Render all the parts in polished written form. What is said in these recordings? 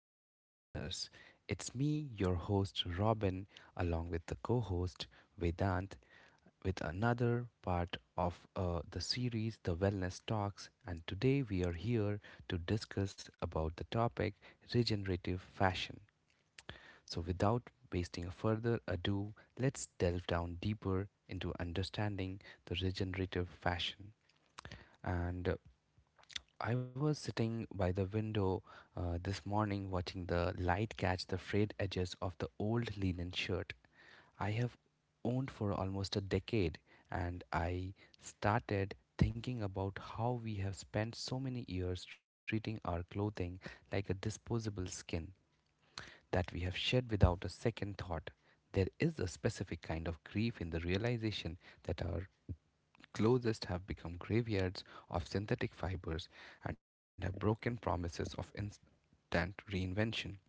to all our listeners. It's me, your host Robin, along with the co host Vedant, with another part of the series The Wellness Talks. And today we are here to discuss about the topic regenerative fashion. So, without wasting further ado, let's delve down deeper into understanding the regenerative fashion. And I was sitting by the window this morning watching the light catch the frayed edges of the old linen shirt I have owned for almost a decade, and I started thinking about how we have spent so many years treating our clothing like a disposable skin that we have shed without a second thought. There is a specific kind of grief in the realization that our closest have become graveyards of synthetic fibers and have broken promises of instant reinvention.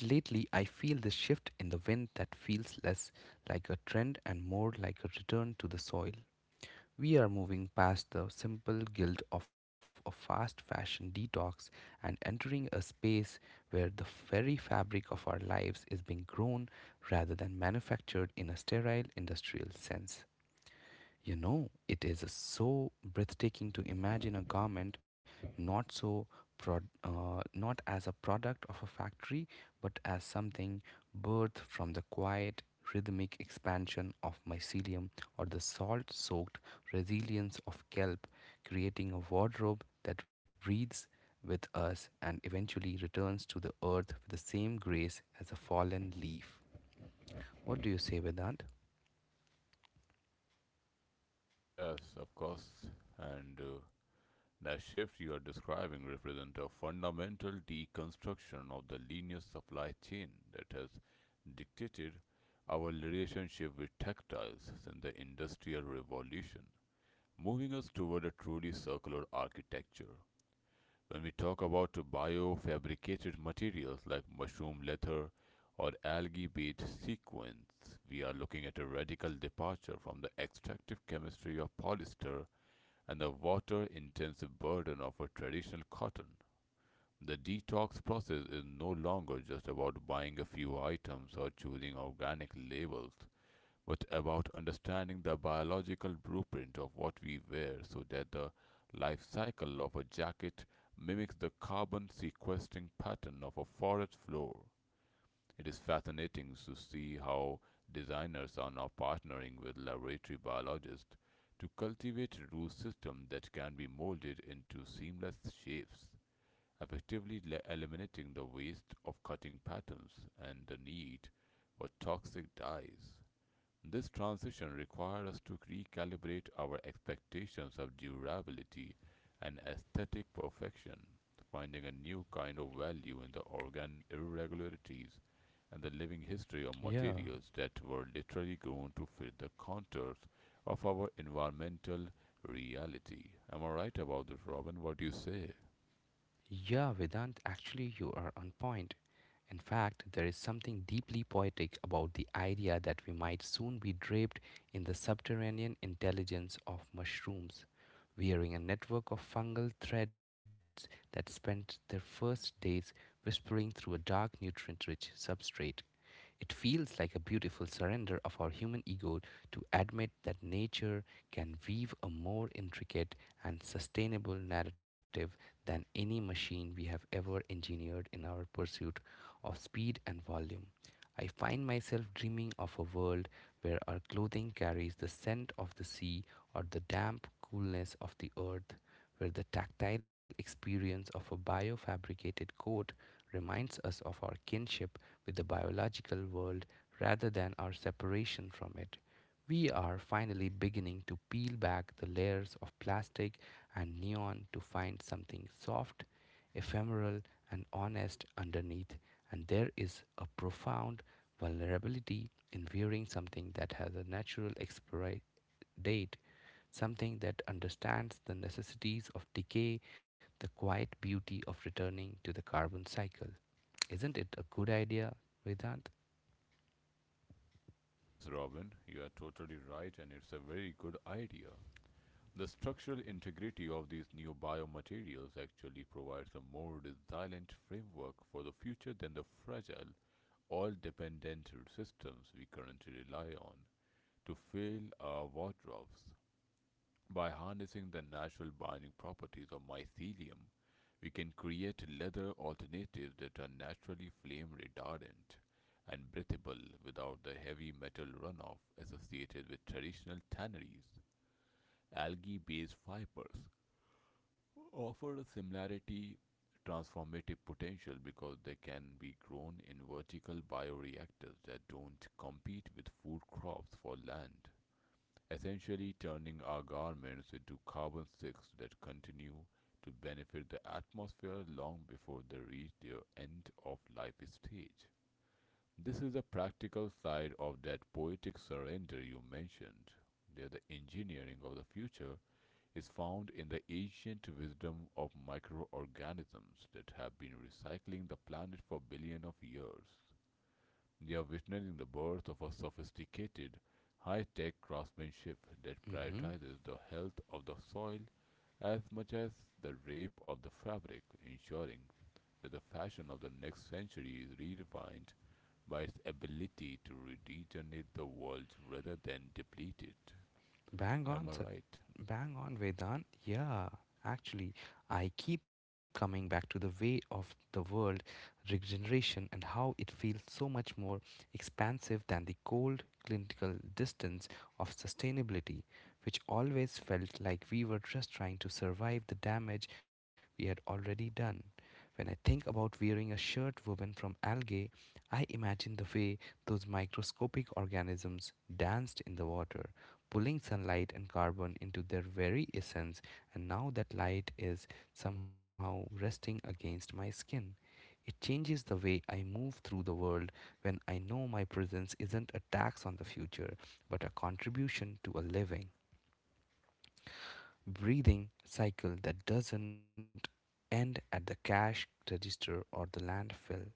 But lately, I feel this shift in the wind that feels less like a trend and more like a return to the soil. We are moving past the simple guilt of a fast fashion detox and entering a space where the very fabric of our lives is being grown rather than manufactured in a sterile industrial sense. You know, it is so breathtaking to imagine a garment not so not as a product of a factory, but as something birthed from the quiet, rhythmic expansion of mycelium or the salt-soaked resilience of kelp, creating a wardrobe that breathes with us and eventually returns to the earth with the same grace as a fallen leaf. What do you say, Vedant? Yes, of course. And that shift you are describing represents a fundamental deconstruction of the linear supply chain that has dictated our relationship with textiles since the Industrial Revolution, moving us toward a truly circular architecture. When we talk about biofabricated materials like mushroom leather or algae based sequins, we are looking at a radical departure from the extractive chemistry of polyester and the water intensive burden of a traditional cotton. The detox process is no longer just about buying a few items or choosing organic labels, but about understanding the biological blueprint of what we wear so that the life cycle of a jacket mimics the carbon sequestering pattern of a forest floor. It is fascinating to see how designers are now partnering with laboratory biologists to cultivate root systems that can be molded into seamless shapes, effectively eliminating the waste of cutting patterns and the need for toxic dyes. This transition required us to recalibrate our expectations of durability and aesthetic perfection, finding a new kind of value in the organic irregularities and the living history of Yeah, materials that were literally grown to fit the contours of our environmental reality. Am I right about this, Robin? What do you say? yeah, Vedant, actually, you are on point. In fact, there is something deeply poetic about the idea that we might soon be draped in the subterranean intelligence of mushrooms, wearing a network of fungal threads that spent their first days whispering through a dark nutrient rich substrate. It feels like a beautiful surrender of our human ego to admit that nature can weave a more intricate and sustainable narrative than any machine we have ever engineered in our pursuit of speed and volume. I find myself dreaming of a world where our clothing carries the scent of the sea or the damp coolness of the earth, where the tactile experience of a biofabricated coat reminds us of our kinship with the biological world rather than our separation from it. We are finally beginning to peel back the layers of plastic and neon to find something soft, ephemeral, and honest underneath, and there is a profound vulnerability in wearing something that has a natural expiry date, something that understands the necessities of decay, the quiet beauty of returning to the carbon cycle. Isn't it a good idea, Vedant? Yes, Robin, you are totally right, and it's a very good idea. The structural integrity of these new biomaterials actually provides a more resilient framework for the future than the fragile, oil dependent systems we currently rely on to fill our wardrobes. By harnessing the natural binding properties of mycelium, we can create leather alternatives that are naturally flame retardant and breathable without the heavy metal runoff associated with traditional tanneries. Algae based fibers offer a similarity transformative potential because they can be grown in vertical bioreactors that don't compete with food crops for land, essentially turning our garments into carbon sinks that continue to benefit the atmosphere long before they reach their end of life stage. This is the practical side of that poetic surrender you mentioned. They're the engineering of the future is found in the ancient wisdom of microorganisms that have been recycling the planet for billions of years. They are witnessing the birth of a sophisticated, high tech craftsmanship that prioritizes Mm-hmm. the health of the soil as much as the drape of the fabric, ensuring that the fashion of the next century is redefined by its ability to regenerate the world rather than deplete it. Am I Bang on, right? sir. Bang on, Vedant. Yeah, actually, I keep coming back to the way of the world regeneration and how it feels so much more expansive than the cold clinical distance of sustainability, which always felt like we were just trying to survive the damage we had already done. When I think about wearing a shirt woven from algae, I imagine the way those microscopic organisms danced in the water, pulling sunlight and carbon into their very essence, and now that light is somehow resting against my skin. It changes the way I move through the world when I know my presence isn't a tax on the future, but a contribution to a living breathing cycle that doesn't end at the cash register or the landfill.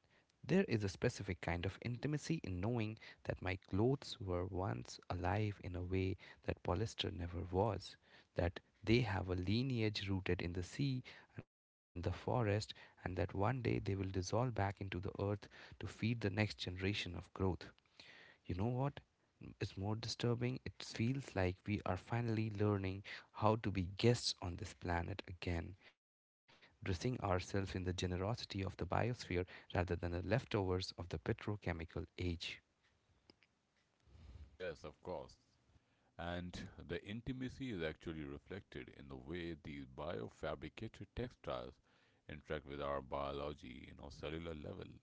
There is a specific kind of intimacy in knowing that my clothes were once alive in a way that polyester never was, that they have a lineage rooted in the sea and the forest, and that one day they will dissolve back into the earth to feed the next generation of growth. You know what is more disturbing? It feels like we are finally learning how to be guests on this planet again, dressing ourselves in the generosity of the biosphere rather than the leftovers of the petrochemical age. Yes, of course. And the intimacy is actually reflected in the way these biofabricated textiles interact with our biology in a cellular level,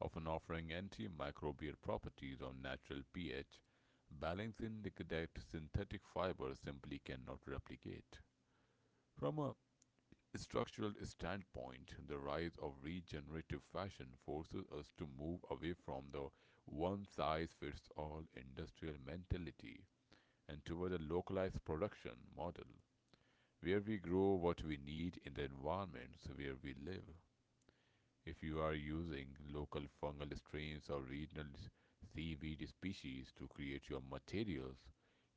often offering antimicrobial properties on natural pH, balancing that synthetic fibers simply cannot replicate. From a structural standpoint, the rise of regenerative fashion forces us to move away from the one size fits all industrial mentality and toward a localized production model where we grow what we need in the environments where we live. If you are using local fungal strains or regional seaweed species to create your materials,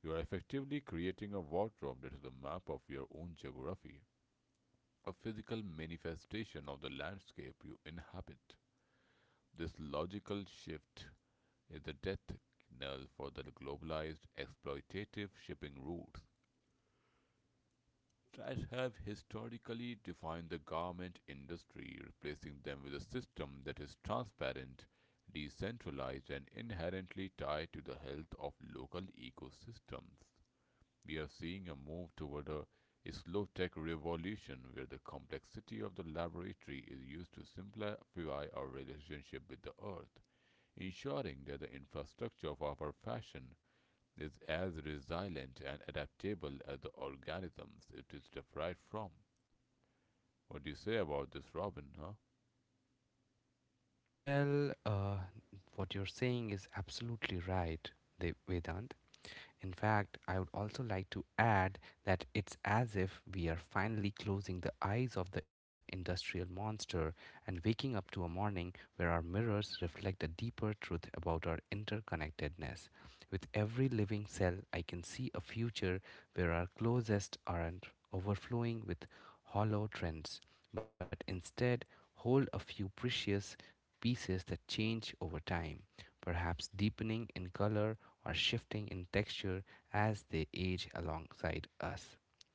you are effectively creating a wardrobe that is a map of your own geography, a physical manifestation of the landscape you inhabit. This logical shift is the death knell for the globalized exploitative shipping routes that have historically defined the garment industry, replacing them with a system that is transparent, decentralized, and inherently tied to the health of local ecosystems. We are seeing a move toward a slow tech revolution where the complexity of the laboratory is used to simplify our relationship with the earth, ensuring that the infrastructure of our fashion is as resilient and adaptable as the organisms it is derived from. What do you say about this, Robin, huh? Well, what you're saying is absolutely right, Vedant. In fact, I would also like to add that it's as if we are finally closing the eyes of the industrial monster and waking up to a morning where our mirrors reflect a deeper truth about our interconnectedness. With every living cell, I can see a future where our closest aren't overflowing with hollow trends, but instead hold a few precious pieces that change over time, perhaps deepening in color or shifting in texture as they age alongside us.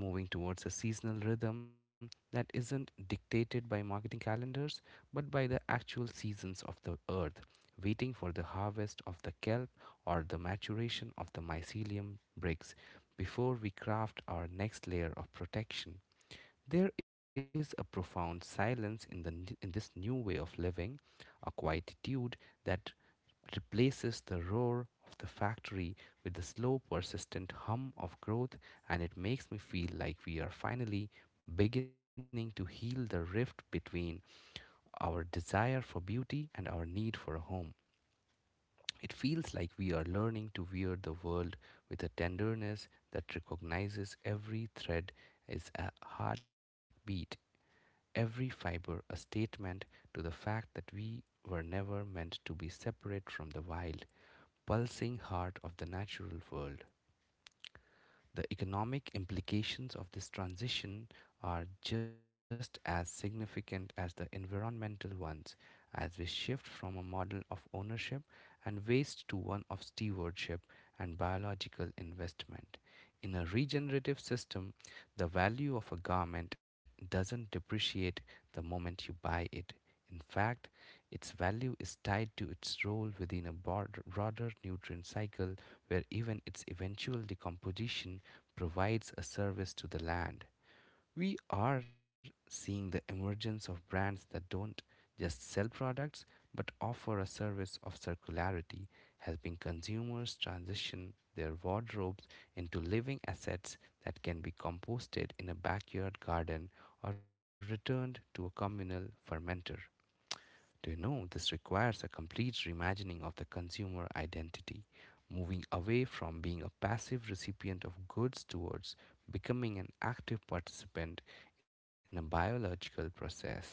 We are moving towards a seasonal rhythm that isn't dictated by marketing calendars but by the actual seasons of the earth, waiting for the harvest of the kelp or the maturation of the mycelium bricks before we craft our next layer of protection. There is a profound silence in this new way of living, a quietude that replaces the roar of the factory with the slow, persistent hum of growth, and it makes me feel like we are finally beginning to heal the rift between our desire for beauty and our need for a home. It feels like we are learning to wear the world with a tenderness that recognizes every thread is a heartbeat, every fiber a statement to the fact that we were never meant to be separate from the wild, pulsing heart of the natural world. The economic implications of this transition are just as significant as the environmental ones, as we shift from a model of ownership and waste to one of stewardship and biological investment. In a regenerative system, the value of a garment doesn't depreciate the moment you buy it. In fact, its value is tied to its role within a broader nutrient cycle where even its eventual decomposition provides a service to the land. We are seeing the emergence of brands that don't just sell products but offer a service of circularity, helping consumers transition their wardrobes into living assets that can be composted in a backyard garden or returned to a communal fermenter. Do you know this requires a complete reimagining of the consumer identity, moving away from being a passive recipient of goods towards becoming an active participant in a biological process?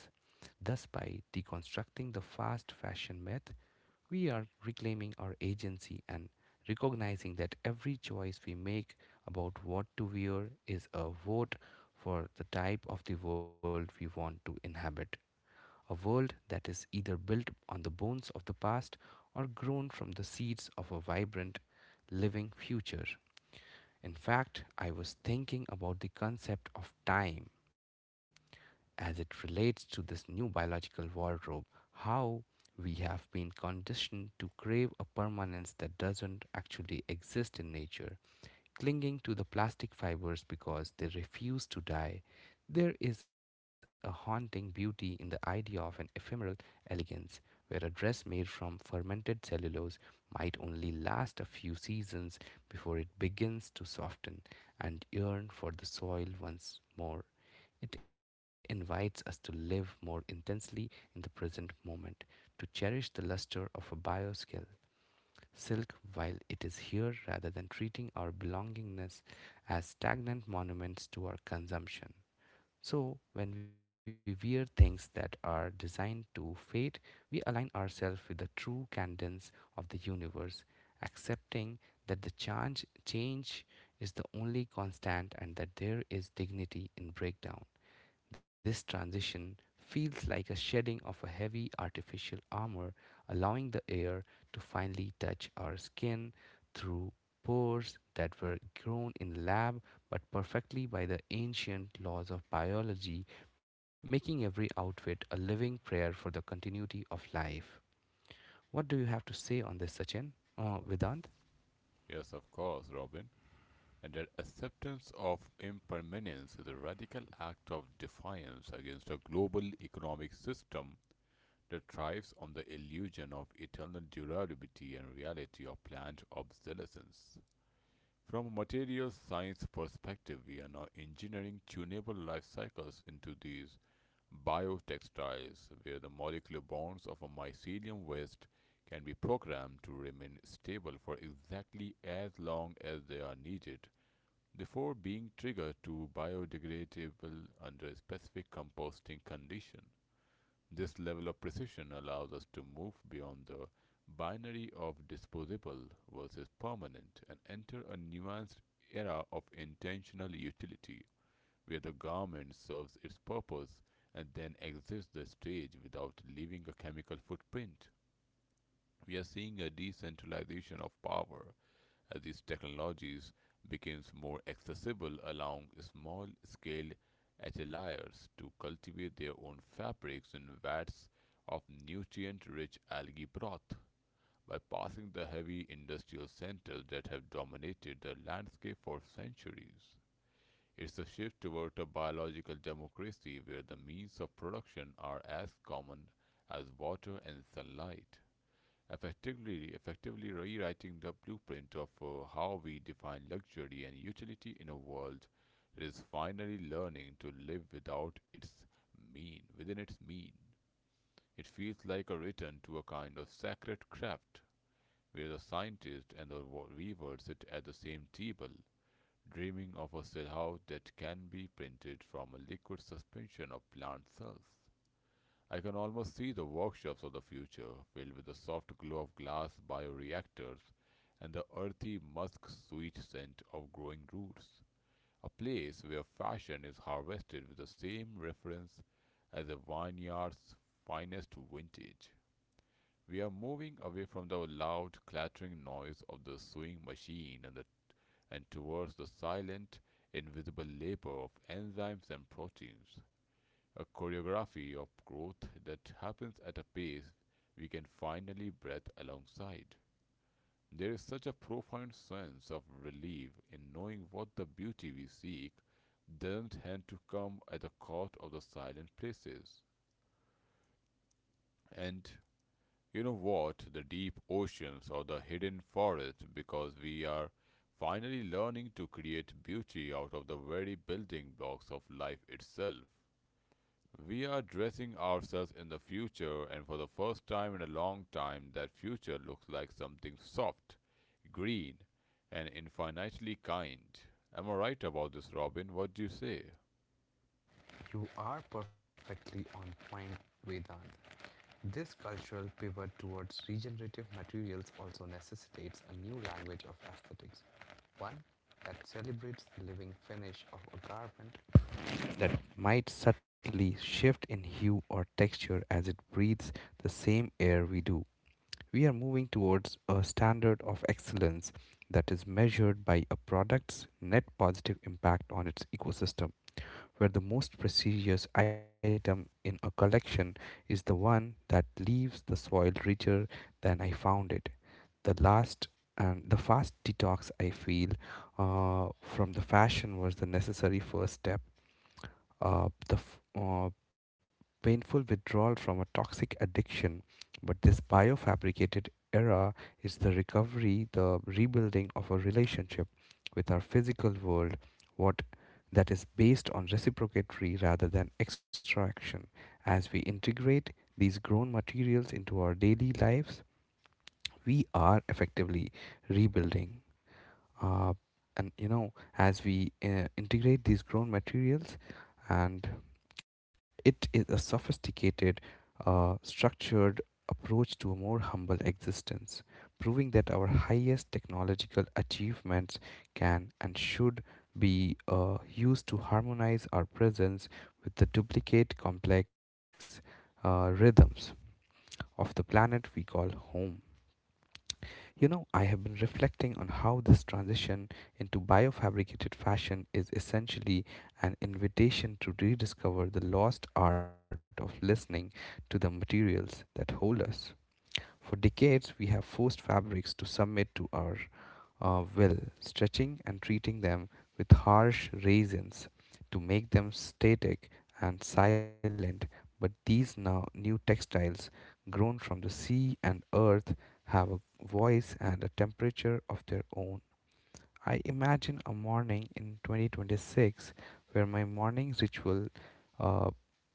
Thus, by deconstructing the fast fashion myth, we are reclaiming our agency and recognizing that every choice we make about what to wear is a vote for the type of the world we want to inhabit, a world that is either built on the bones of the past or grown from the seeds of a vibrant, living future. In fact, I was thinking about the concept of time as it relates to this new biological wardrobe, how we have been conditioned to crave a permanence that doesn't actually exist in nature, clinging to the plastic fibers because they refuse to die. There is a haunting beauty in the idea of an ephemeral elegance where a dress made from fermented cellulose might only last a few seasons before it begins to soften and yearn for the soil once more. It invites us to live more intensely in the present moment, to cherish the luster of a bioskill silk while it is here rather than treating our belongingness as stagnant monuments to our consumption. So, when we wear things that are designed to fade, we align ourselves with the true cadence of the universe, accepting that the change is the only constant and that there is dignity in breakdown. This transition feels like a shedding of a heavy artificial armor, allowing the air to finally touch our skin through pores that were grown in lab but perfectly by the ancient laws of biology, making every outfit a living prayer for the continuity of life. What do you have to say on this, Sachin? Vedant? Yes, of course, Robin. And that acceptance of impermanence is a radical act of defiance against a global economic system that thrives on the illusion of eternal durability and reality of planned obsolescence. From a materials science perspective, we are now engineering tunable life cycles into these biotextiles, where the molecular bonds of a mycelium waste can be programmed to remain stable for exactly as long as they are needed before being triggered to biodegradable under specific composting conditions. This level of precision allows us to move beyond the binary of disposable versus permanent and enter a nuanced era of intentional utility, where the garment serves its purpose and then exits the stage without leaving a chemical footprint. We are seeing a decentralization of power as these technologies becomes more accessible, allowing small-scale ateliers to cultivate their own fabrics in vats of nutrient-rich algae broth. By passing the heavy industrial centers that have dominated the landscape for centuries, it's a shift toward a biological democracy where the means of production are as common as water and sunlight, effectively rewriting the blueprint of how we define luxury and utility in a world that is finally learning to live without its mean within its mean. It feels like a return to a kind of sacred craft where the scientist and the weaver sit at the same table, dreaming of a cell house that can be printed from a liquid suspension of plant cells. I can almost see the workshops of the future filled with the soft glow of glass bioreactors and the earthy musk sweet scent of growing roots. A place where fashion is harvested with the same reference as a vineyard's finest vintage. We are moving away from the loud clattering noise of the sewing machine and towards the silent, invisible labor of enzymes and proteins, a choreography of growth that happens at a pace we can finally breathe alongside. There is such a profound sense of relief in knowing what the beauty we seek doesn't have to come at the cost of the silent places. And you know what? The deep oceans or the hidden forests, because we are finally learning to create beauty out of the very building blocks of life itself. We are dressing ourselves in the future, and for the first time in a long time, that future looks like something soft, green, and infinitely kind. Am I right about this, Robin? What do you say? You are perfectly on point, Vedant. This cultural pivot towards regenerative materials also necessitates a new language of aesthetics, one that celebrates the living finish of a garment that might subtly shift in hue or texture as it breathes the same air we do. We are moving towards a standard of excellence that is measured by a product's net positive impact on its ecosystem, where the most precious item in a collection is the one that leaves the soil richer than I found it. The last and the fast detox I feel from the fashion was the necessary first step. The painful withdrawal from a toxic addiction. But this biofabricated era is the recovery, the rebuilding of a relationship with our physical world, what that is based on reciprocatory rather than extraction. As we integrate these grown materials into our daily lives, we are effectively rebuilding. Uh, and you know, as we integrate these grown materials and it is a sophisticated, structured approach to a more humble existence, proving that our highest technological achievements can and should be used to harmonize our presence with the duplicate complex rhythms of the planet we call home. You know, I have been reflecting on how this transition into biofabricated fashion is essentially an invitation to rediscover the lost art of listening to the materials that hold us. For decades, we have forced fabrics to submit to our well, stretching and treating them with harsh raisins to make them static and silent. But these now new textiles grown from the sea and earth have a voice and a temperature of their own. I imagine a morning in 2026 where my morning ritual uh,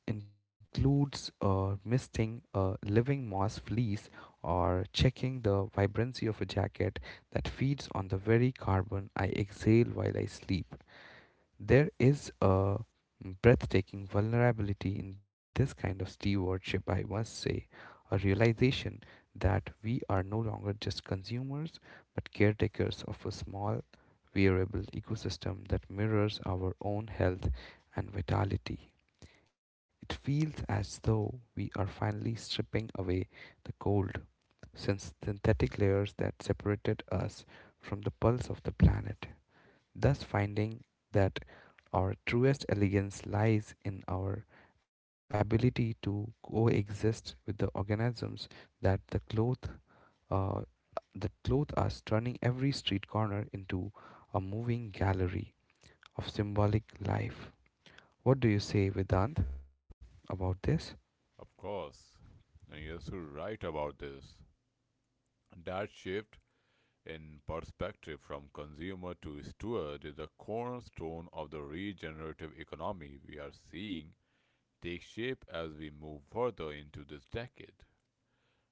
includes misting a living moss fleece or checking the vibrancy of a jacket that feeds on the very carbon I exhale while I sleep. There is a breathtaking vulnerability in this kind of stewardship, I must say, a realization that we are no longer just consumers but caretakers of a small, variable ecosystem that mirrors our own health and vitality. It feels as though we are finally stripping away the cold, since synthetic layers that separated us from the pulse of the planet thus finding that our truest elegance lies in our ability to coexist with the organisms that the cloth uh, that clothe us, turning every street corner into a moving gallery of symbolic life. What do you say, Vedant, about this? Of course. And yes, you're so right about this. That shift in perspective from consumer to steward is the cornerstone of the regenerative economy we are seeing take shape as we move further into this decade.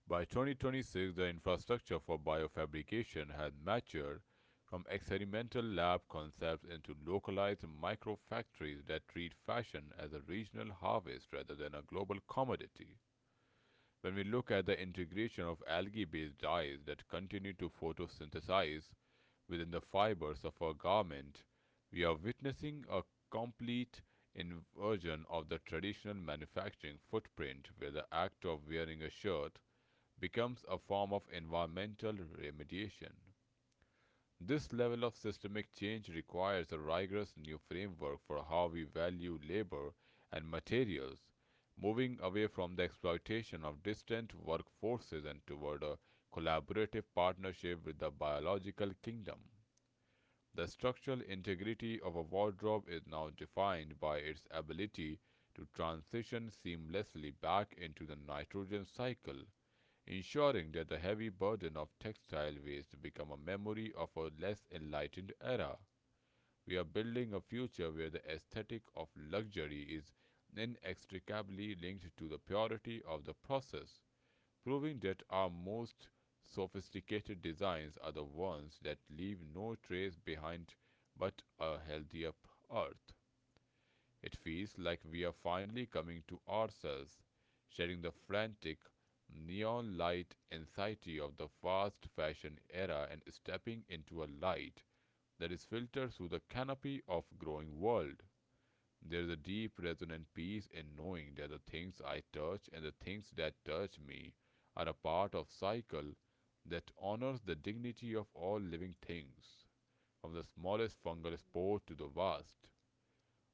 By 2026, the infrastructure for biofabrication had matured from experimental lab concepts into localized micro factories that treat fashion as a regional harvest rather than a global commodity. When we look at the integration of algae based dyes that continue to photosynthesize within the fibers of our garment, we are witnessing a complete inversion of the traditional manufacturing footprint where the act of wearing a shirt becomes a form of environmental remediation. This level of systemic change requires a rigorous new framework for how we value labor and materials, moving away from the exploitation of distant workforces and toward a collaborative partnership with the biological kingdom. The structural integrity of a wardrobe is now defined by its ability to transition seamlessly back into the nitrogen cycle, ensuring that the heavy burden of textile waste become a memory of a less enlightened era. We are building a future where the aesthetic of luxury is inextricably linked to the purity of the process, proving that our most sophisticated designs are the ones that leave no trace behind but a healthier earth. It feels like we are finally coming to ourselves, shedding the frantic, neon light anxiety of the fast fashion era and stepping into a light that is filtered through the canopy of growing world. There is a deep resonant peace in knowing that the things I touch and the things that touch me are a part of cycle that honors the dignity of all living things, from the smallest fungal spore to the vast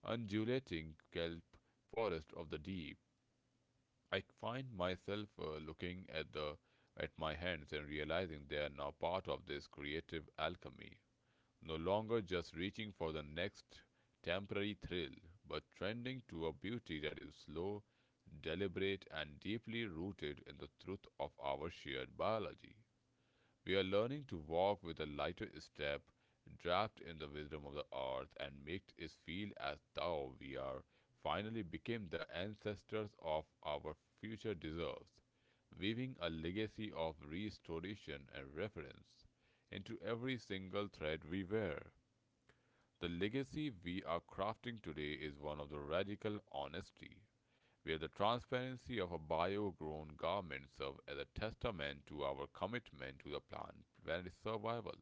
undulating kelp forest of the deep. I find myself looking at the at my hands and realizing they are now part of this creative alchemy, no longer just reaching for the next temporary thrill, but trending to a beauty that is slow, deliberate, and deeply rooted in the truth of our shared biology. We are learning to walk with a lighter step, wrapped in the wisdom of the earth, and make it feel as though we are finally became the ancestors of our future deserves, weaving a legacy of restoration and reference into every single thread we wear. The legacy we are crafting today is one of the radical honesty, where the transparency of our bio-grown garments serve as a testament to our commitment to the planet's survival.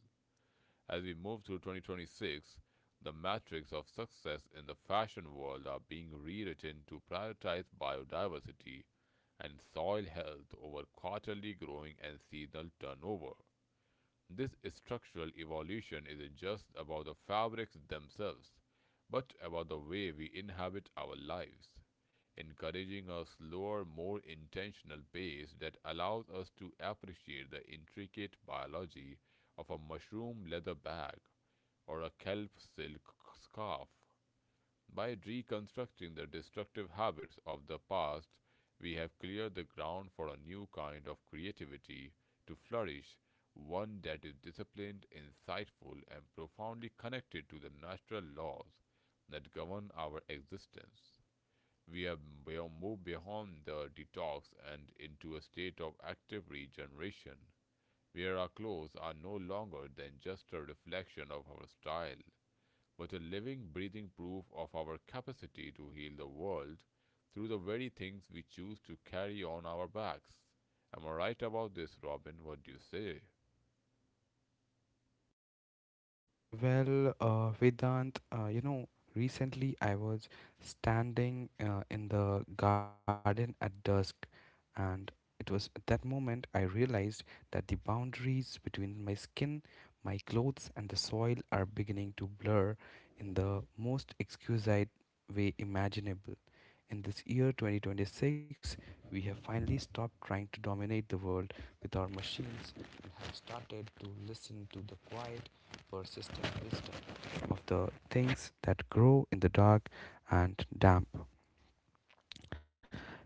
As we move through 2026, the metrics of success in the fashion world are being rewritten to prioritize biodiversity and soil health over quarterly growing and seasonal turnover. This structural evolution isn't just about the fabrics themselves, but about the way we inhabit our lives, encouraging a slower, more intentional pace that allows us to appreciate the intricate biology of a mushroom leather bag or a kelp silk scarf. By reconstructing the destructive habits of the past, we have cleared the ground for a new kind of creativity to flourish, one that is disciplined, insightful, and profoundly connected to the natural laws that govern our existence. We have moved beyond the detox and into a state of active regeneration, where our clothes are no longer than just a reflection of our style, was a living, breathing proof of our capacity to heal the world through the very things we choose to carry on our backs. Am I right about this, Robin? What do you say? Well, Vedant, you know, recently I was standing in the garden at dusk, and it was at that moment I realized that the boundaries between my skin, my clothes, and the soil are beginning to blur in the most exquisite way imaginable. In this year 2026, we have finally stopped trying to dominate the world with our machines and have started to listen to the quiet, persistent wisdom of the things that grow in the dark and damp.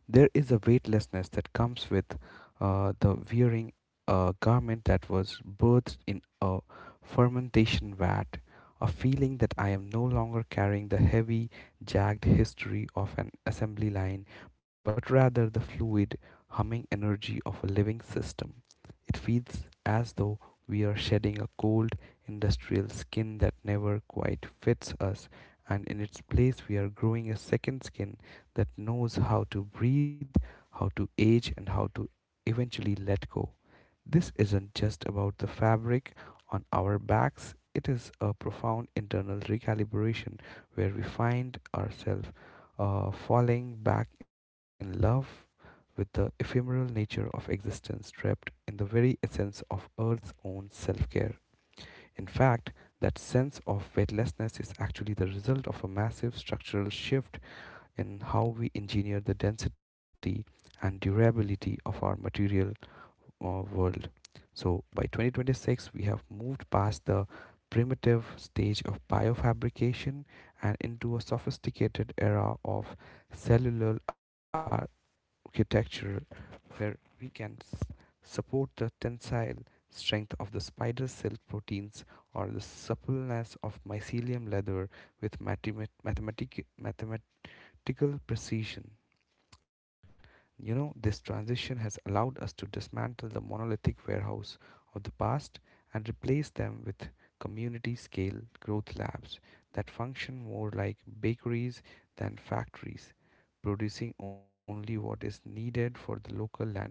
There is a weightlessness that comes with the wearing a garment that was birthed in a fermentation vat, a feeling that I am no longer carrying the heavy, jagged history of an assembly line, but rather the fluid, humming energy of a living system. It feels as though we are shedding a cold, industrial skin that never quite fits us, and in its place, we are growing a second skin that knows how to breathe, how to age, and how to eventually let go. This isn't just about the fabric on our backs. It is a profound internal recalibration where we find ourselves falling back in love with the ephemeral nature of existence trapped in the very essence of Earth's own self care. In fact, that sense of weightlessness is actually the result of a massive structural shift in how we engineer the density and durability of our material world. So by 2026, we have moved past the primitive stage of biofabrication and into a sophisticated era of cellular architecture where we can support the tensile strength of the spider silk proteins or the suppleness of mycelium leather with mathematical precision. You know, this transition has allowed us to dismantle the monolithic warehouse of the past and replace them with community scale growth labs that function more like bakeries than factories, producing only what is needed for the local landscape.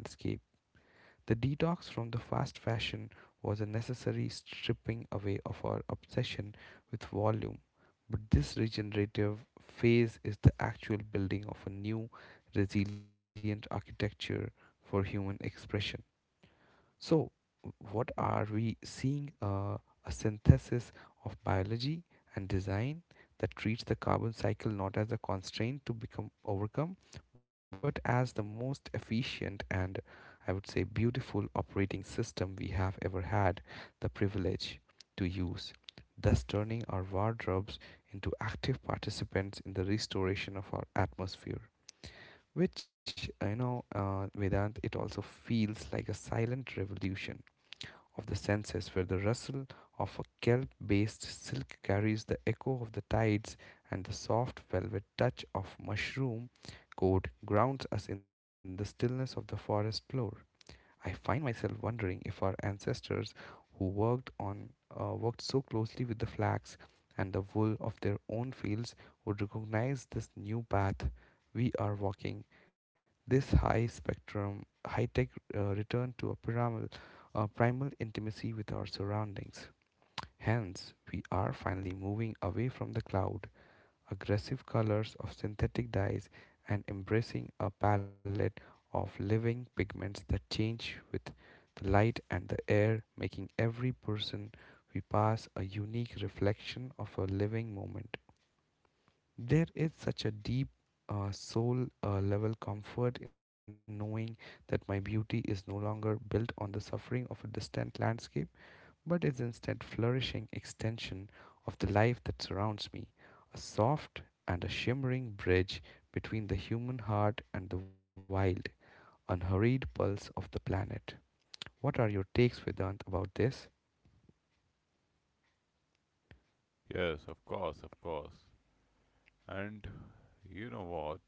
The detox from the fast fashion was a necessary stripping away of our obsession with volume, but this regenerative phase is the actual building of a new, resilient architecture for human expression. So, what are we seeing? A synthesis of biology and design that treats the carbon cycle not as a constraint to become overcome, but as the most efficient and I would say beautiful operating system we have ever had the privilege to use, thus turning our wardrobes into active participants in the restoration of our atmosphere, which you know Vedant, it also feels like a silent revolution of the senses, where the rustle of a kelp based silk carries the echo of the tides and the soft velvet touch of mushroom coat grounds us in the stillness of the forest floor. I find myself wondering if our ancestors who worked on worked so closely with the flax and the wool of their own fields would recognize this new path we are walking, this high spectrum high tech return to a primal intimacy with our surroundings. Hence we are finally moving away from the cloud aggressive colors of synthetic dyes and embracing a palette of living pigments that change with the light and the air, making every person we pass a unique reflection of a living moment. There is such a deep soul level comfort in knowing that my beauty is no longer built on the suffering of a distant landscape but is instead flourishing extension of the life that surrounds me, a soft and a shimmering bridge between the human heart and the wild, unhurried pulse of the planet. What are your takes, Vedant, about this? Yes, of course, of course. And you know what?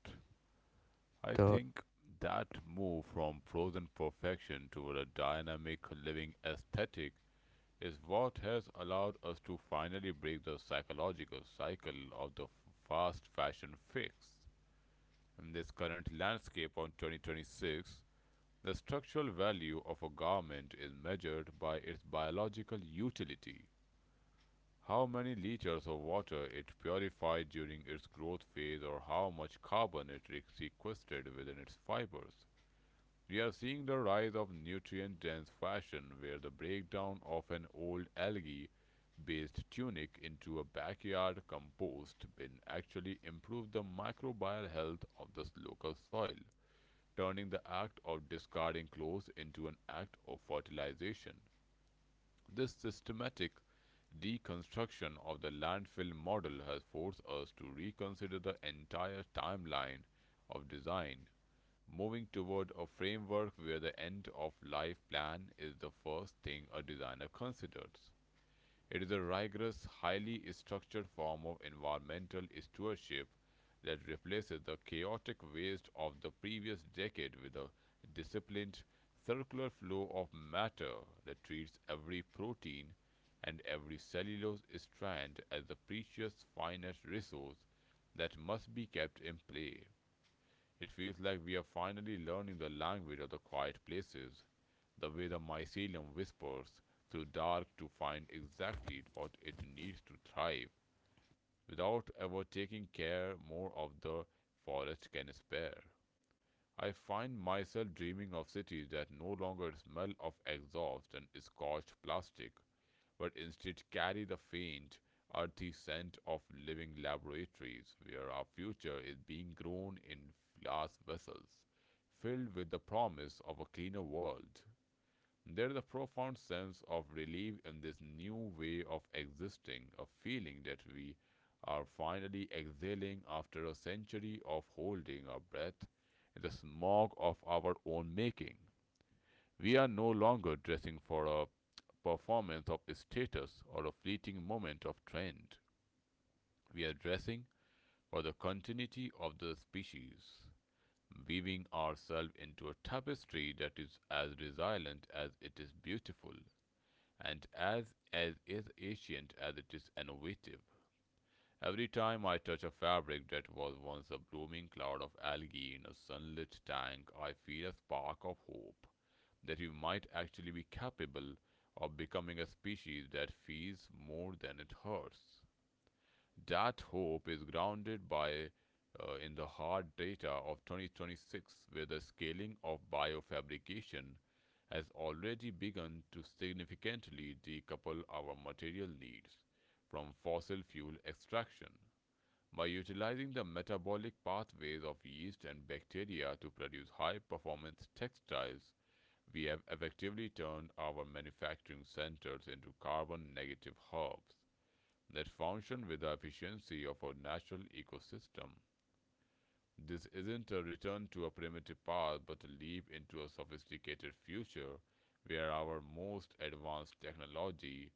I The think that move from frozen perfection toward a dynamic living aesthetic is what has allowed us to finally break the psychological cycle of the fast fashion fix. In this current landscape of 2026, the structural value of a garment is measured by its biological utility. How many liters of water it purified during its growth phase, or how much carbon it sequestered within its fibers. We are seeing the rise of nutrient dense fashion, where the breakdown of an old algae based tunic into a backyard compost bin actually improves the microbial health of the local soil, turning the act of discarding clothes into an act of fertilization. This systematic deconstruction of the landfill model has forced us to reconsider the entire timeline of design, moving toward a framework where the end of life plan is the first thing a designer considers. It is a rigorous, highly structured form of environmental stewardship that replaces the chaotic waste of the previous decade with a disciplined, circular flow of matter that treats every protein and every cellulose strand as the precious finite resource that must be kept in play. It feels like we are finally learning the language of the quiet places, the way the mycelium whispers through dark to find exactly what it needs to thrive, without ever taking care more of the forest can spare. I find myself dreaming of cities that no longer smell of exhaust and scorched plastic, but instead carry the faint, earthy scent of living laboratories where our future is being grown in glass vessels, filled with the promise of a cleaner world. There is a profound sense of relief in this new way of existing, a feeling that we are finally exhaling after a century of holding our breath in the smog of our own making. We are no longer dressing for a performance of status or a fleeting moment of trend. We are dressing for the continuity of the species, weaving ourselves into a tapestry that is as resilient as it is beautiful and as is ancient as it is innovative. Every time I touch a fabric that was once a blooming cloud of algae in a sunlit tank, I feel a spark of hope that we might actually be capable of becoming a species that feels more than it hurts. That hope is grounded by in the hard data of 2026, where the scaling of biofabrication has already begun to significantly decouple our material needs from fossil fuel extraction. By utilizing the metabolic pathways of yeast and bacteria to produce high performance textiles, we have effectively turned our manufacturing centers into carbon negative hubs that function with the efficiency of our natural ecosystem. This isn't a return to a primitive past, but a leap into a sophisticated future where our most advanced technology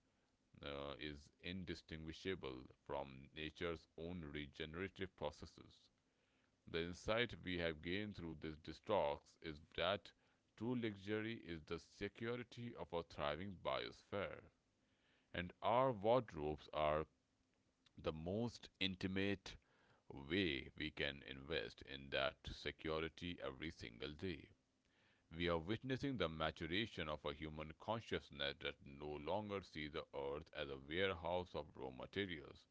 is indistinguishable from nature's own regenerative processes. The insight we have gained through these talks is that true luxury is the security of a thriving biosphere, and our wardrobes are the most intimate way we can invest in that security every single day. We are witnessing the maturation of a human consciousness that no longer sees the earth as a warehouse of raw materials,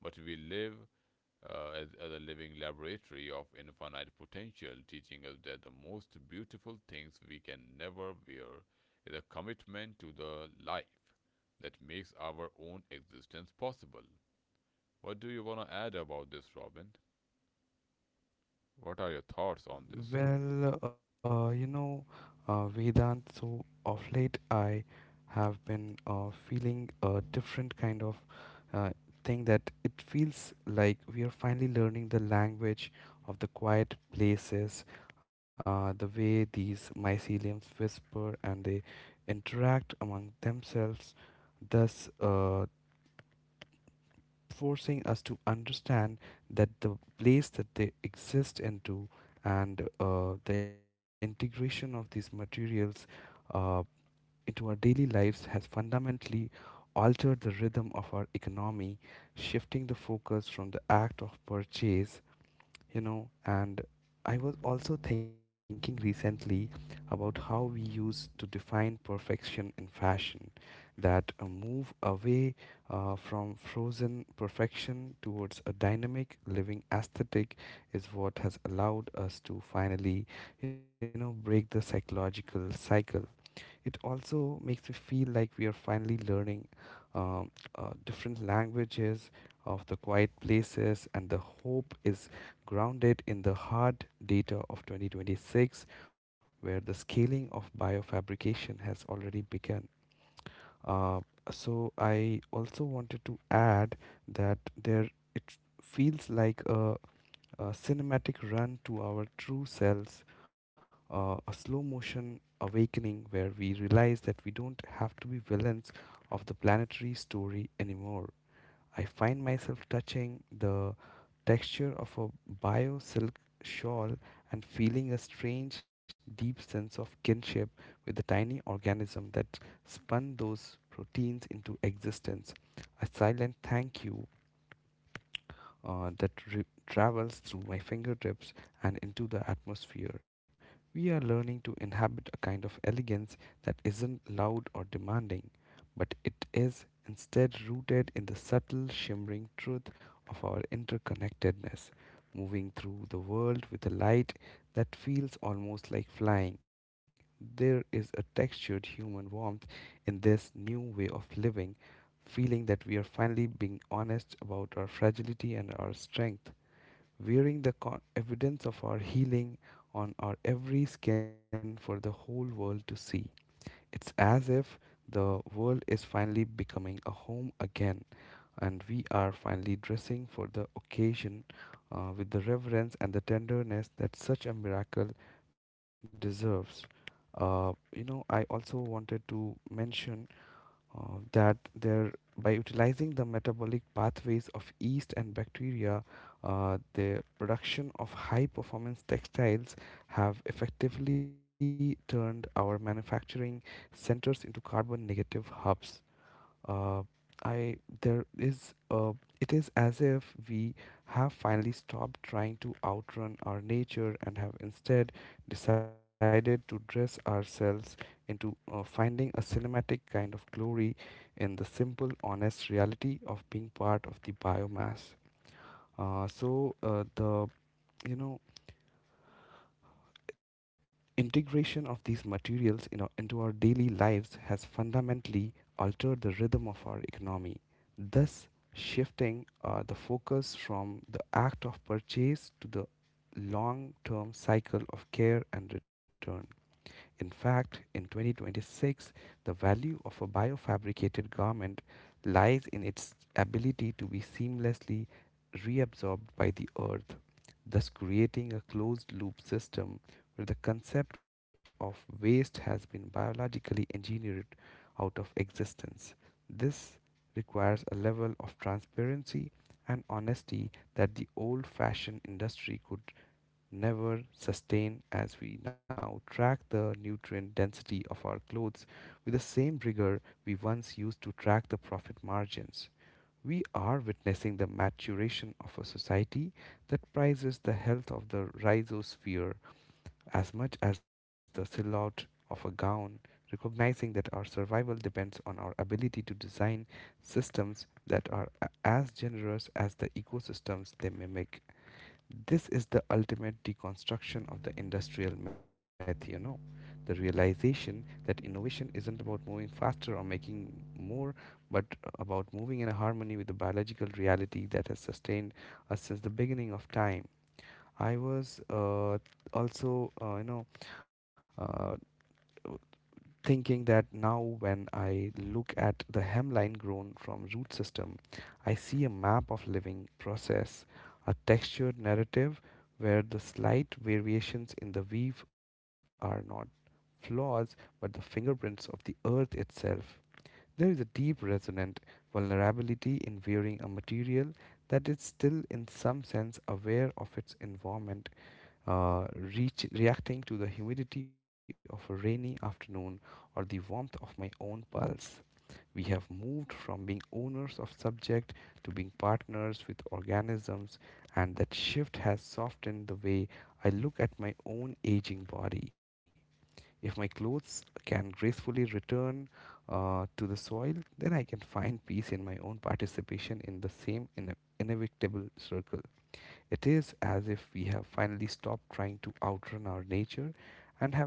but we live as a living laboratory of infinite potential, teaching us that the most beautiful things we can never wear is a commitment to the life that makes our own existence possible. What do you want to add about this, Robin? What are your thoughts on this? Well, you know, Vedant, so of late I have been feeling a different kind of uh, thing, that it feels like we are finally learning the language of the quiet places, the way these myceliums whisper and they interact among themselves, thus forcing us to understand that the place that they exist into and the integration of these materials uh, into our daily lives has fundamentally altered the rhythm of our economy, shifting the focus from the act of purchase, you know. And I was also thinking recently about how we used to define perfection in fashion, that move away from frozen perfection towards a dynamic living aesthetic is what has allowed us to finally, you know, break the psychological cycle. It also makes me feel like we are finally learning um, different languages of the quiet places, and the hope is grounded in the hard data of 2026, where the scaling of biofabrication has already begun. Uh, so I also wanted to add that there it feels like a cinematic run to our true selves, a slow motion awakening where we realize that we don't have to be villains of the planetary story anymore. I find myself touching the texture of a bio silk shawl and feeling a strange, deep sense of kinship with the tiny organism that spun those proteins into existence. A silent thank you travels through my fingertips and into the atmosphere. We are learning to inhabit a kind of elegance that isn't loud or demanding, but it is instead rooted in the subtle, shimmering truth of our interconnectedness, moving through the world with a light that feels almost like flying. There is a textured human warmth in this new way of living, feeling that we are finally being honest about our fragility and our strength, wearing the evidence of our healing on our every skin for the whole world to see. It's as if the world is finally becoming a home again, and we are finally dressing for the occasion with the reverence and the tenderness that such a miracle deserves. Uh, you know, I also wanted to mention that there by utilizing the metabolic pathways of yeast and bacteria, the production of high performance textiles have effectively turned our manufacturing centers into carbon negative hubs. Uh, I there is It is as if we have finally stopped trying to outrun our nature and have instead decided to dress ourselves into finding a cinematic kind of glory in the simple, honest reality of being part of the biomass. The you know integration of these materials into our daily lives has fundamentally altered the rhythm of our economy, thus shifting the focus from the act of purchase to the long term cycle of care and return. In fact, in 2026, the value of a biofabricated garment lies in its ability to be seamlessly reabsorbed by the earth, thus creating a closed loop system where the concept of waste has been biologically engineered out of existence. This requires a level of transparency and honesty that the old fashioned industry could never sustain, as we now track the nutrient density of our clothes with the same rigor we once used to track the profit margins. We are witnessing the maturation of a society that prizes the health of the rhizosphere as much as the silhouette of a gown, recognizing that our survival depends on our ability to design systems that are as generous as the ecosystems they mimic. This is the ultimate deconstruction of the industrial myth, you know. The realization that innovation isn't about moving faster or making more, but about moving in a harmony with the biological reality that has sustained us since the beginning of time. I was also, you know, uh, Thinking that now when I look at the hemline grown from root system, I see a map of living process, a textured narrative where the slight variations in the weave are not flaws but the fingerprints of the earth itself. There is a deep resonant vulnerability in wearing a material that is still in some sense aware of its environment, reacting to the humidity of a rainy afternoon or the warmth of my own pulse. We have moved from being owners of subject to being partners with organisms, and that shift has softened the way I look at my own aging body. If my clothes can gracefully return, to the soil, then I can find peace in my own participation in the same inevitable circle. It is as if we have finally stopped trying to outrun our nature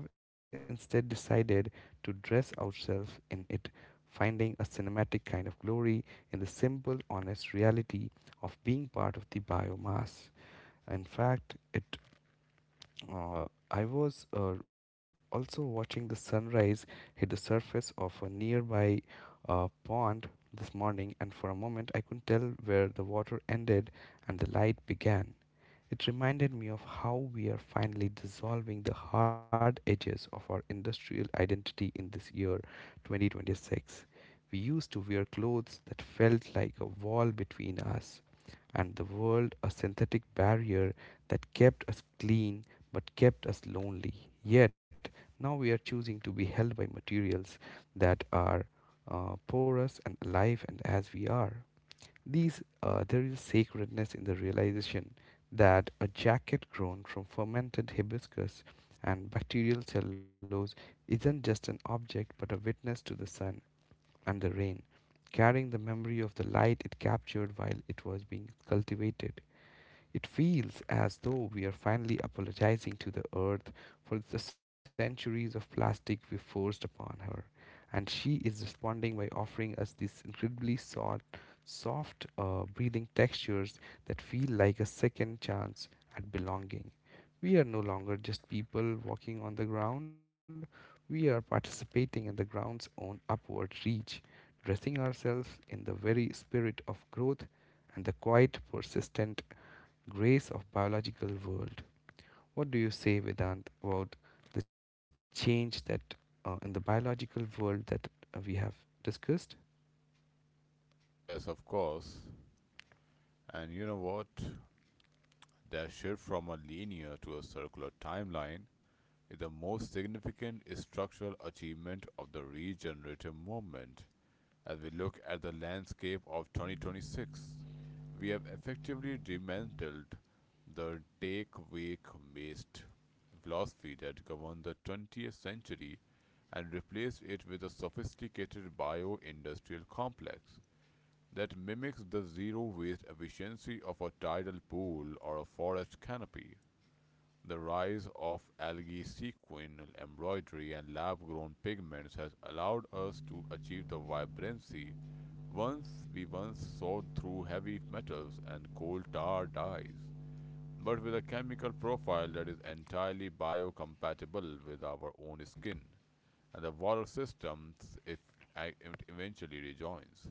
and have instead decided to dress ourselves in it, finding a cinematic kind of glory in the simple, honest reality of being part of the biomass. In fact, it I was also watching the sunrise hit the surface of a nearby pond this morning, and for a moment I couldn't tell where the water ended and the light began. It reminded me of how we are finally dissolving the hard edges of our industrial identity in this year 2026. We used to wear clothes that felt like a wall between us and the world, a synthetic barrier that kept us clean but kept us lonely. Yet now we are choosing to be held by materials that are porous and alive and as we are. These There is sacredness in the realization that a jacket grown from fermented hibiscus and bacterial cellulose isn't just an object but a witness to the sun and the rain, carrying the memory of the light it captured while it was being cultivated. It feels as though we are finally apologizing to the earth for the centuries of plastic we forced upon her, and she is responding by offering us these incredibly soft, soft, breathing textures that feel like a second chance at belonging. We are no longer just people walking on the ground, we are participating in the ground's own upward reach, dressing ourselves in the very spirit of growth and the quiet, persistent grace of biological world. What do you say, Vedant, about the change that, in the biological world that, we have discussed? Yes, of course. And you know what? That shift from a linear to a circular timeline is the most significant structural achievement of the regenerative movement. As we look at the landscape of 2026, we have effectively dismantled the take wake waste philosophy that governed the 20th century and replaced it with a sophisticated bio industrial complex that mimics the zero waste efficiency of a tidal pool or a forest canopy. The rise of algae sequin embroidery and lab grown pigments has allowed us to achieve the vibrancy once we once saw through heavy metals and coal tar dyes, but with a chemical profile that is entirely biocompatible with our own skin and the water systems if it eventually rejoins.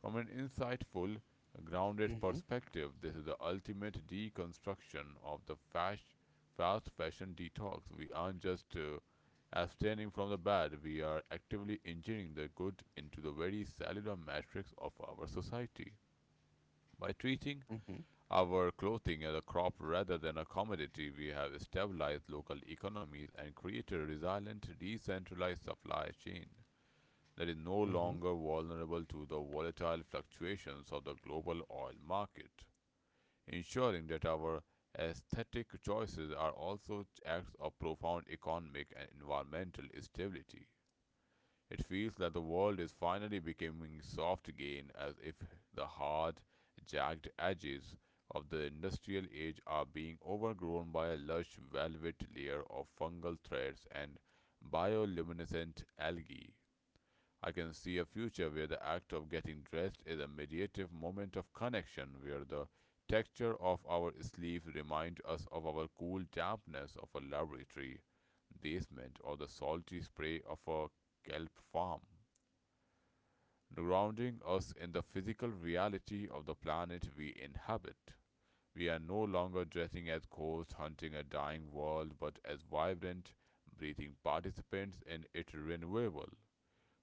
From an insightful, grounded Mm-hmm, perspective, this is the ultimate deconstruction of the fast fashion detox. We aren't just abstaining from the bad, we are actively engineering the good into the very cellular matrix of our society. By treating mm-hmm, our clothing as a crop rather than a commodity, we have stabilized local economies and created a resilient, decentralized supply chain that is no mm-hmm, longer vulnerable to the volatile fluctuations of the global oil market, ensuring that our aesthetic choices are also acts of profound economic and environmental stability. It feels that the world is finally becoming soft again, as if the hard, jagged edges of the industrial age are being overgrown by a lush velvet layer of fungal threads and bioluminescent algae. I can see a future where the act of getting dressed is a mediative moment of connection, where the texture of our sleeves reminds us of our cool dampness of a laboratory basement or the salty spray of a kelp farm, grounding us in the physical reality of the planet we inhabit. We are no longer dressing as ghosts hunting a dying world, but as vibrant, breathing participants in its renewal,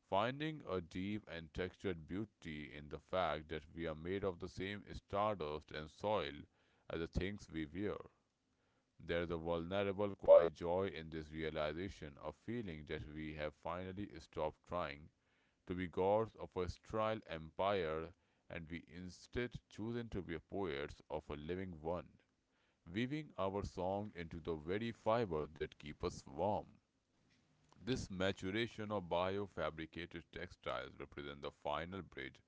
finding a deep and textured beauty in the fact that we are made of the same stardust and soil as the things we wear. There is a vulnerable, quiet joy in this realization, a feeling that we have finally stopped trying to be gods of a sterile empire and we instead chosen to be poets of a living one, weaving our song into the very fibers that keep us warm. This maturation of biofabricated textiles represent the final bridge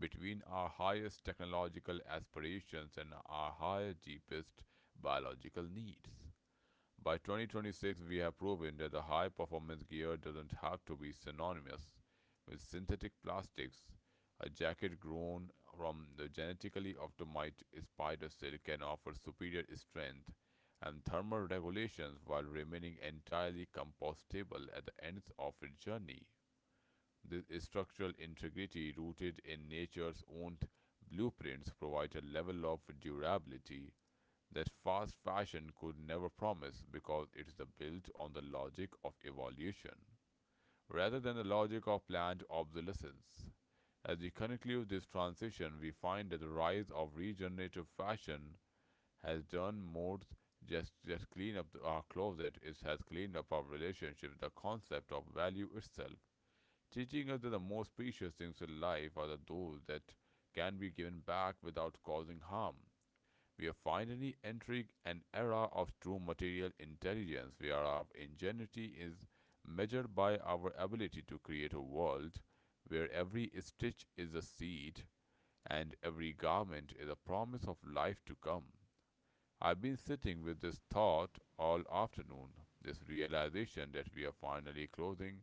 between our highest technological aspirations and our higher deepest biological needs. By 2026, we have proven that the high performance gear doesn't have to be synonymous with synthetic plastics. A jacket grown from the genetically optimized spider silk can offer superior strength and thermal regulations while remaining entirely compostable at the end of its journey. This structural integrity, rooted in nature's own blueprints, provides a level of durability that fast fashion could never promise, because it is built on the logic of evolution rather than the logic of planned obsolescence. As we conclude this transition, we find that the rise of regenerative fashion has done more just clean up our closet. It has cleaned up our relationship with the concept of value itself, teaching us that the most precious things in life are the those that can be given back without causing harm. We are finally entering an era of true material intelligence, where our ingenuity is measured by our ability to create a world where every stitch is a seed and every garment is a promise of life to come. I've been sitting with this thought all afternoon, this realization that we are finally closing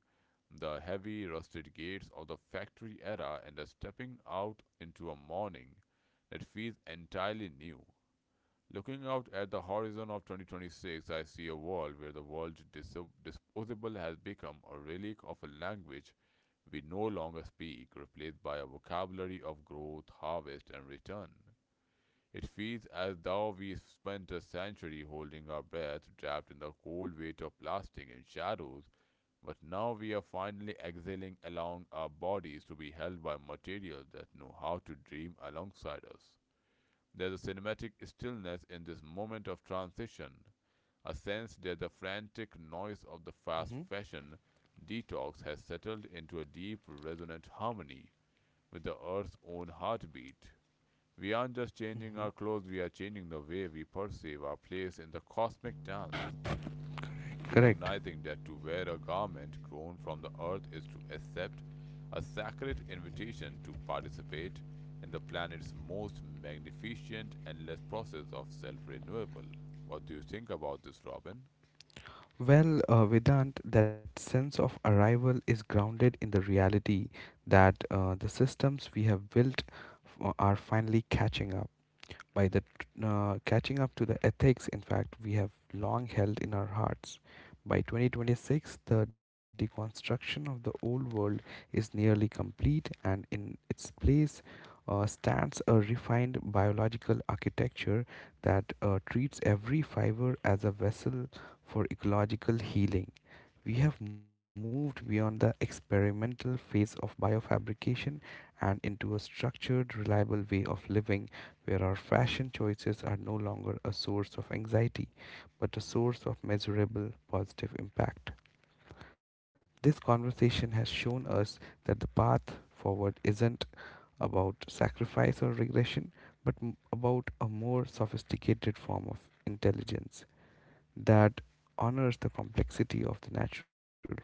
the heavy rusted gates of the factory era and are stepping out into a morning that feels entirely new. Looking out at the horizon of 2026, I see a world where the word disposable has become a relic of a language we no longer speak, replaced by a vocabulary of growth, harvest, and return. It feels as though we spent a century holding our breath, trapped in the cold weight of plastic and shadows, but now we are finally exhaling, allowing our bodies to be held by materials that know how to dream alongside us. There's a cinematic stillness in this moment of transition, a sense that the frantic noise of mm-hmm, the fast fashion detox has settled into a deep, resonant harmony with the earth's own heartbeat. We aren't just mm-hmm. changing our clothes, we are changing the way we perceive our place in the cosmic dance, Correct. recognizing that to wear a garment grown from the earth is to accept a sacred invitation to participate in the planet's most magnificent endless process of self renewal. What do you think about this, Robin? Well, Vedant, that sense of arrival is grounded in the reality that, the systems we have built are finally catching up. By the, catching up to the ethics in fact we have long held in our hearts. By 2026, the deconstruction of the old world is nearly complete, and in its place, stands a refined biological architecture that, treats every fiber as a vessel for ecological healing. We have moved beyond the experimental phase of biofabrication and into a structured, reliable way of living where our fashion choices are no longer a source of anxiety but a source of measurable positive impact. This conversation has shown us that the path forward isn't about sacrifice or regression, but about a more sophisticated form of intelligence that honors the complexity of the natural world.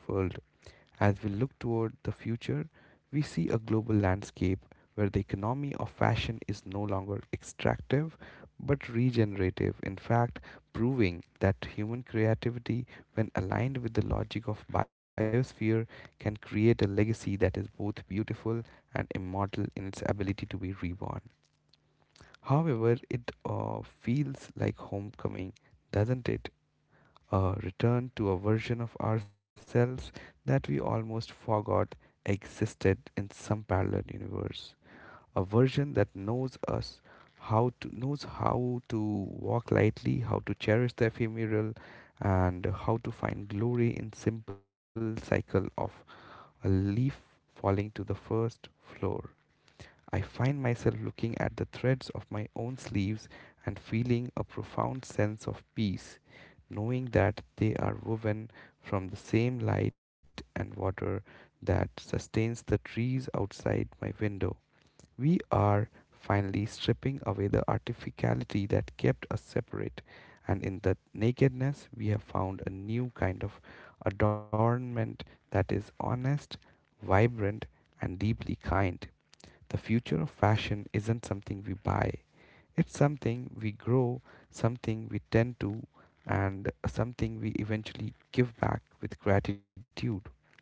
As we look toward the future, we see a global landscape where the economy of fashion is no longer extractive but regenerative, in fact, proving that human creativity, when aligned with the logic of biosphere, can create a legacy that is both beautiful and immortal in its ability to be reborn. However, it feels like homecoming, doesn't it? A return to a version of ourselves that we almost forgot existed in some parallel universe. A version that knows how to walk lightly, how to cherish the ephemeral, and how to find glory in simple cycle of a leaf falling to the first floor. I find myself looking at the threads of my own sleeves and feeling a profound sense of peace, knowing that they are woven from the same light and water that sustains the trees outside my window. We are finally stripping away the artificiality that kept us separate, and in the nakedness, we have found a new kind of adornment that is honest, vibrant, and deeply kind. The future of fashion isn't something we buy, it's something we grow, something we tend to, and something we eventually give back with gratitude.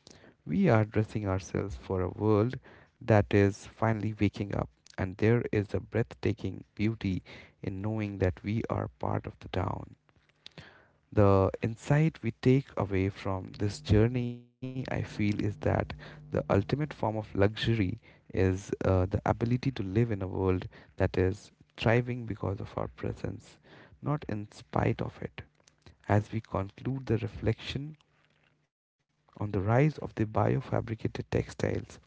We are dressing ourselves for a world that is finally waking up, and there is a breathtaking beauty in knowing that we are part of the town. The insight we take away from this journey, I feel, is that the ultimate form of luxury is, the ability to live in a world that is thriving because of our presence, not in spite of it. As we conclude the reflection on the rise of the biofabricated textiles,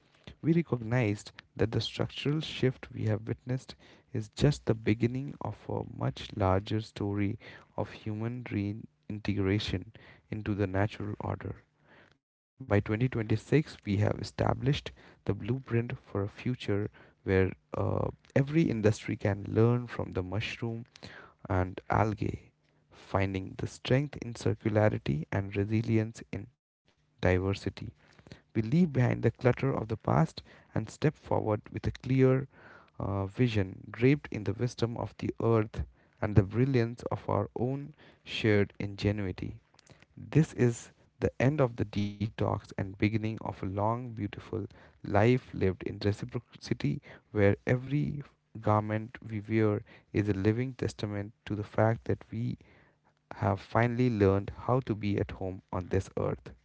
we recognized that the structural shift we have witnessed is just the beginning of a much larger story of human reintegration into the natural order. By 2026, we have established the blueprint for a future where, uh, every industry can learn from the mushroom and algae, finding the strength in circularity and resilience in diversity. We leave behind the clutter of the past and step forward with a clear, vision draped in the wisdom of the earth and the brilliance of our own shared ingenuity. This is the end of the detox and beginning of a long, beautiful life lived in reciprocity where every garment we wear is a living testament to the fact that we have finally learned how to be at home on this earth.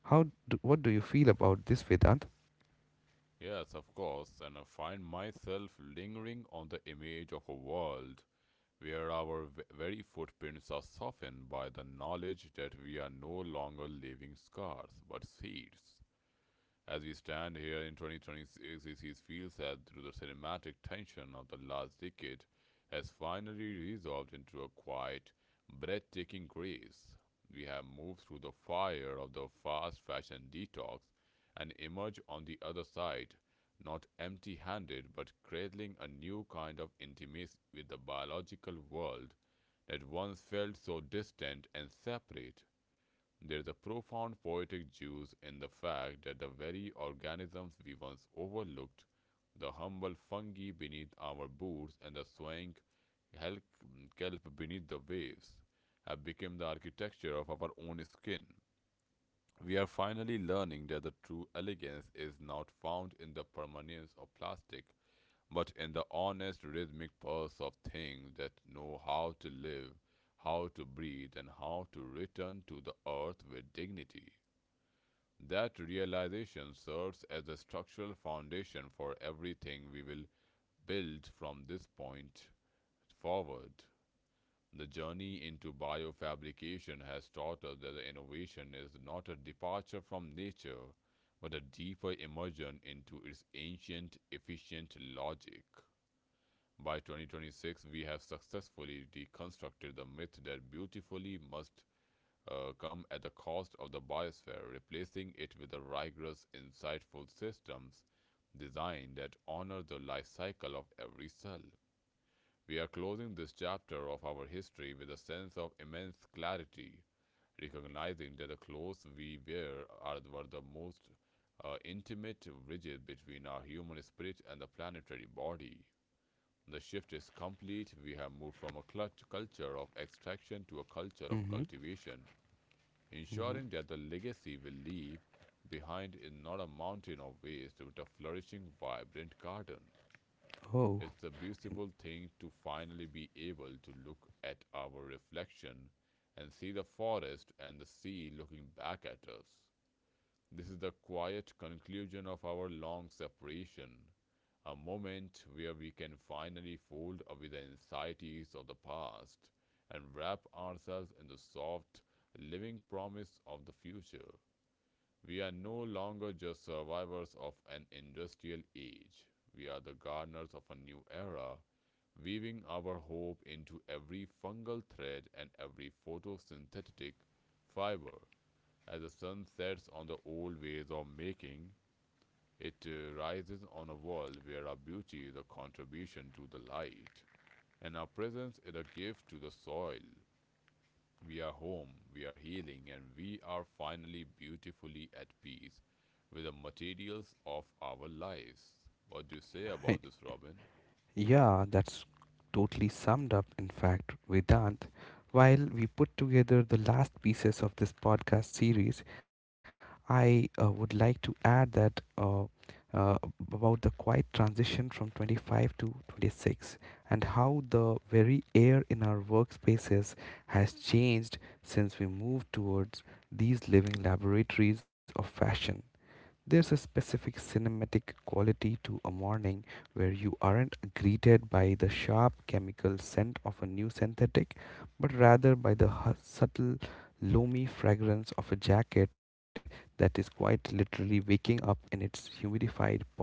How do, what do you feel about this, Vedant? Yes, of course, and I find myself lingering on the image of a world where our very footprints are softened by the knowledge that we are no longer living scars but seeds. As we stand here in 2026, it feels as though the cinematic tension of the last decade has finally resolved into a quiet, breathtaking grace. We have moved through the fire of the fast fashion detox and emerge on the other side, not empty handed, but cradling a new kind of intimacy with the biological world that once felt so distant and separate. There is a profound poetic juice in the fact that the very organisms we once overlooked, the humble fungi beneath our boots and the swaying kelp beneath the waves, have become the architecture of our own skin. We are finally learning that the true elegance is not found in the permanence of plastic, but in the honest rhythmic pulse of things that know how to live, how to breathe, and how to return to the earth with dignity. That realization serves as the structural foundation for everything we will build from this point forward. The journey into biofabrication has taught us that the innovation is not a departure from nature, but a deeper immersion into its ancient, efficient logic. By 2026, we have successfully deconstructed the myth that beautifully must come at the cost of the biosphere, replacing it with a rigorous, insightful systems design that honor the life cycle of every cell. We are closing this chapter of our history with a sense of immense clarity, recognizing that the clothes we wear are were the most intimate bridges between our human spirit and the planetary body. The shift is complete. We have moved from a culture of extraction to a culture of Mm-hmm, cultivation, ensuring mm-hmm. that the legacy we leave behind is not a mountain of waste but a flourishing, vibrant garden. Oh, It's a beautiful thing to finally be able to look at our reflection and see the forest and the sea looking back at us. This is the quiet conclusion of our long separation, a moment where we can finally fold away the anxieties of the past and wrap ourselves in the soft, living promise of the future. We are no longer just survivors of an industrial age. We are the gardeners of a new era, weaving our hope into every fungal thread and every photosynthetic fiber. As the sun sets on the old ways of making, it rises on a world where our beauty is a contribution to the light, and our presence is a gift to the soil. We are home, we are healing, and we are finally beautifully at peace with the materials of our lives. What do you say I, about this, Robin? yeah, that's totally summed up, in fact, Vedant. While we put together the last pieces of this podcast series, I would like to add that uh, about the quiet transition from 25 to 26 and how the very air in our workspaces has changed since we moved towards these living laboratories of fashion. There's a specific cinematic quality to a morning where you aren't greeted by the sharp chemical scent of a new synthetic, but rather by the subtle, loamy fragrance of a jacket that is quite literally waking up in its humidified pot.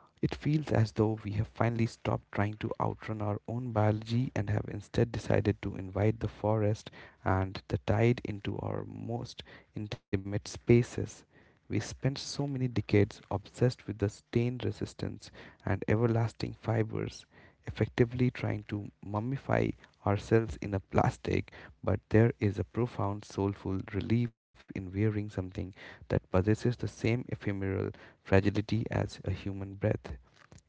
It feels as though we have finally stopped trying to outrun our own biology and have instead decided to invite the forest and the tide into our most intimate spaces. We spent so many decades obsessed with the stain resistance and everlasting fibers, effectively trying to mummify ourselves in a plastic, but there is a profound soulful relief in wearing something that possesses the same ephemeral fragility as a human breath.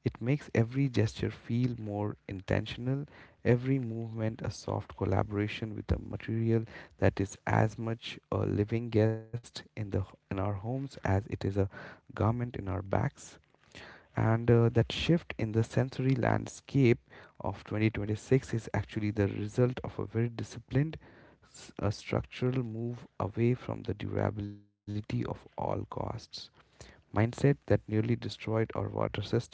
It makes every gesture feel more intentional, every movement a soft collaboration with a material that is as much a living guest in the in our homes as it is a garment in our backs. And that shift in the sensory landscape of 2026 is actually the result of a very disciplined, a structural move away from the durability of all costs mindset that nearly destroyed our water systems.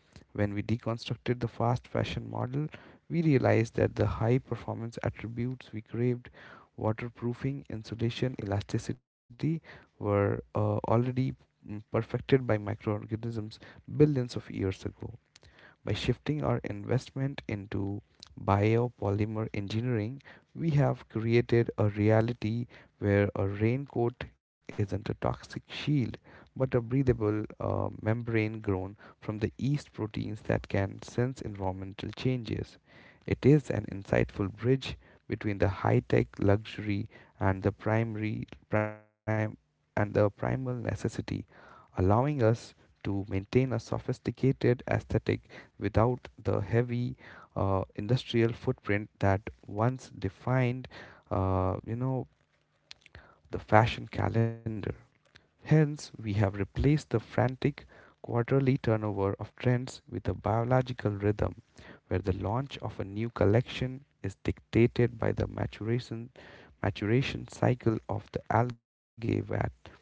When we deconstructed the fast fashion model, we realized that the high performance attributes we craved, waterproofing, insulation, elasticity, were already perfected by microorganisms billions of years ago. By shifting our investment into biopolymer engineering, we have created a reality where a raincoat isn't a toxic shield, but a breathable, membrane grown from the yeast proteins that can sense environmental changes. It is an insightful bridge between the high-tech luxury and the primal necessity, allowing us to maintain a sophisticated aesthetic without the heavy, industrial footprint that once defined, uh, you know, the fashion calendar. Hence, we have replaced the frantic quarterly turnover of trends with a biological rhythm where the launch of a new collection is dictated by the maturation cycle of the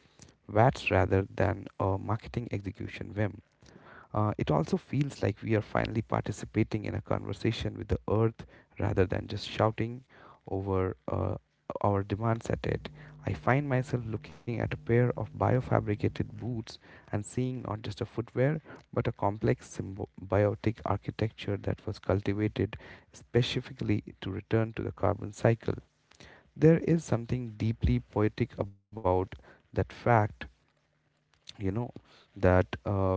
vats rather than a marketing execution whim. It also feels like we are finally participating in a conversation with the earth rather than just shouting over, our demands at it. I find myself looking at a pair of biofabricated boots and seeing not just a footwear but a complex symbiotic architecture that was cultivated specifically to return to the carbon cycle. There is something deeply poetic about that fact, you know, that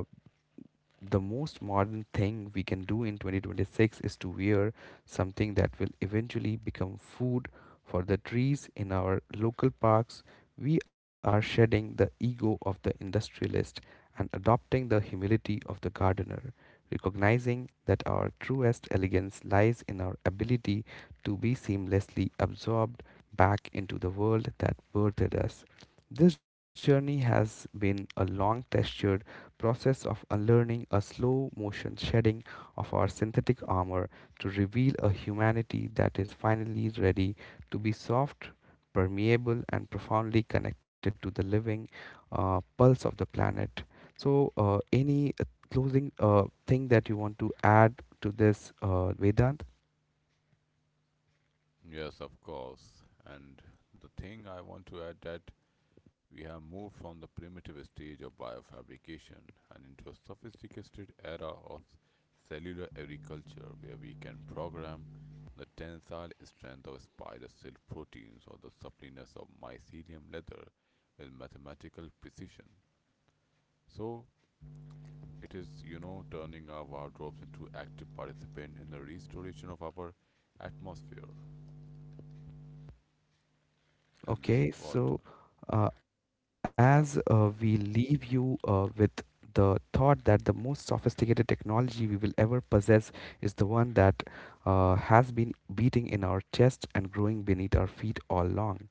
the most modern thing we can do in 2026 is to wear something that will eventually become food for the trees in our local parks. We are shedding the ego of the industrialist and adopting the humility of the gardener, recognizing that our truest elegance lies in our ability to be seamlessly absorbed back into the world that birthed us. This journey has been a long, textured process of unlearning, a slow motion shedding of our synthetic armor to reveal a humanity that is finally ready to be soft, permeable, and profoundly connected to the living, pulse of the planet. So, any closing thing that you want to add to this, Vedant? Yes, of course. And the thing I want to add that we have moved from the primitive stage of biofabrication and into a sophisticated era of cellular agriculture where we can program the tensile strength of spider silk proteins or the suppleness of mycelium leather with mathematical precision. So it is, you know, turning our wardrobes into active participants in the restoration of our atmosphere. And this is what, Okay, so yeah, as we leave you with the thought that the most sophisticated technology we will ever possess is the one that, has been beating in our chest and growing beneath our feet all along.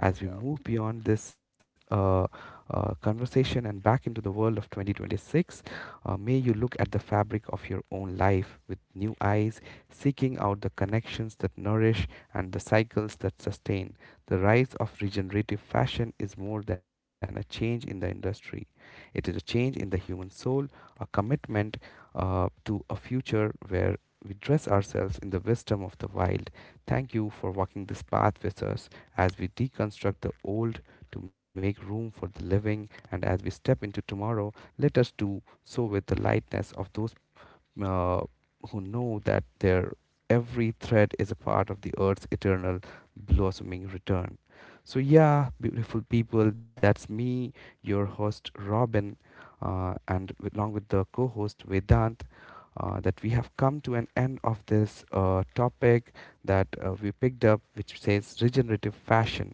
As we yeah. move beyond this conversation and back into the world of 2026, may you look at the fabric of your own life with new eyes, seeking out the connections that nourish and the cycles that sustain. The rise of regenerative fashion is more than a change in the industry, it is a change in the human soul, a commitment, to a future where we dress ourselves in the wisdom of the wild. Thank you for walking this path with us as we deconstruct the old to make room for the living, and as we step into tomorrow, let us do so with the lightness of those, uh, who know that their every thread is a part of the earth's eternal blossoming return. So, yeah, beautiful people, that's me, your host Robin, and along with the co host Vedant. That we have come to an end of this topic that we picked up, which says regenerative fashion,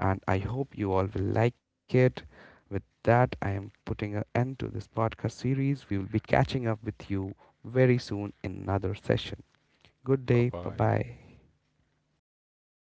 and I hope you all will like it. With that, I am putting an end to this podcast series. We will be catching up with you very soon in another session. Good Bye day. Bye bye. bye.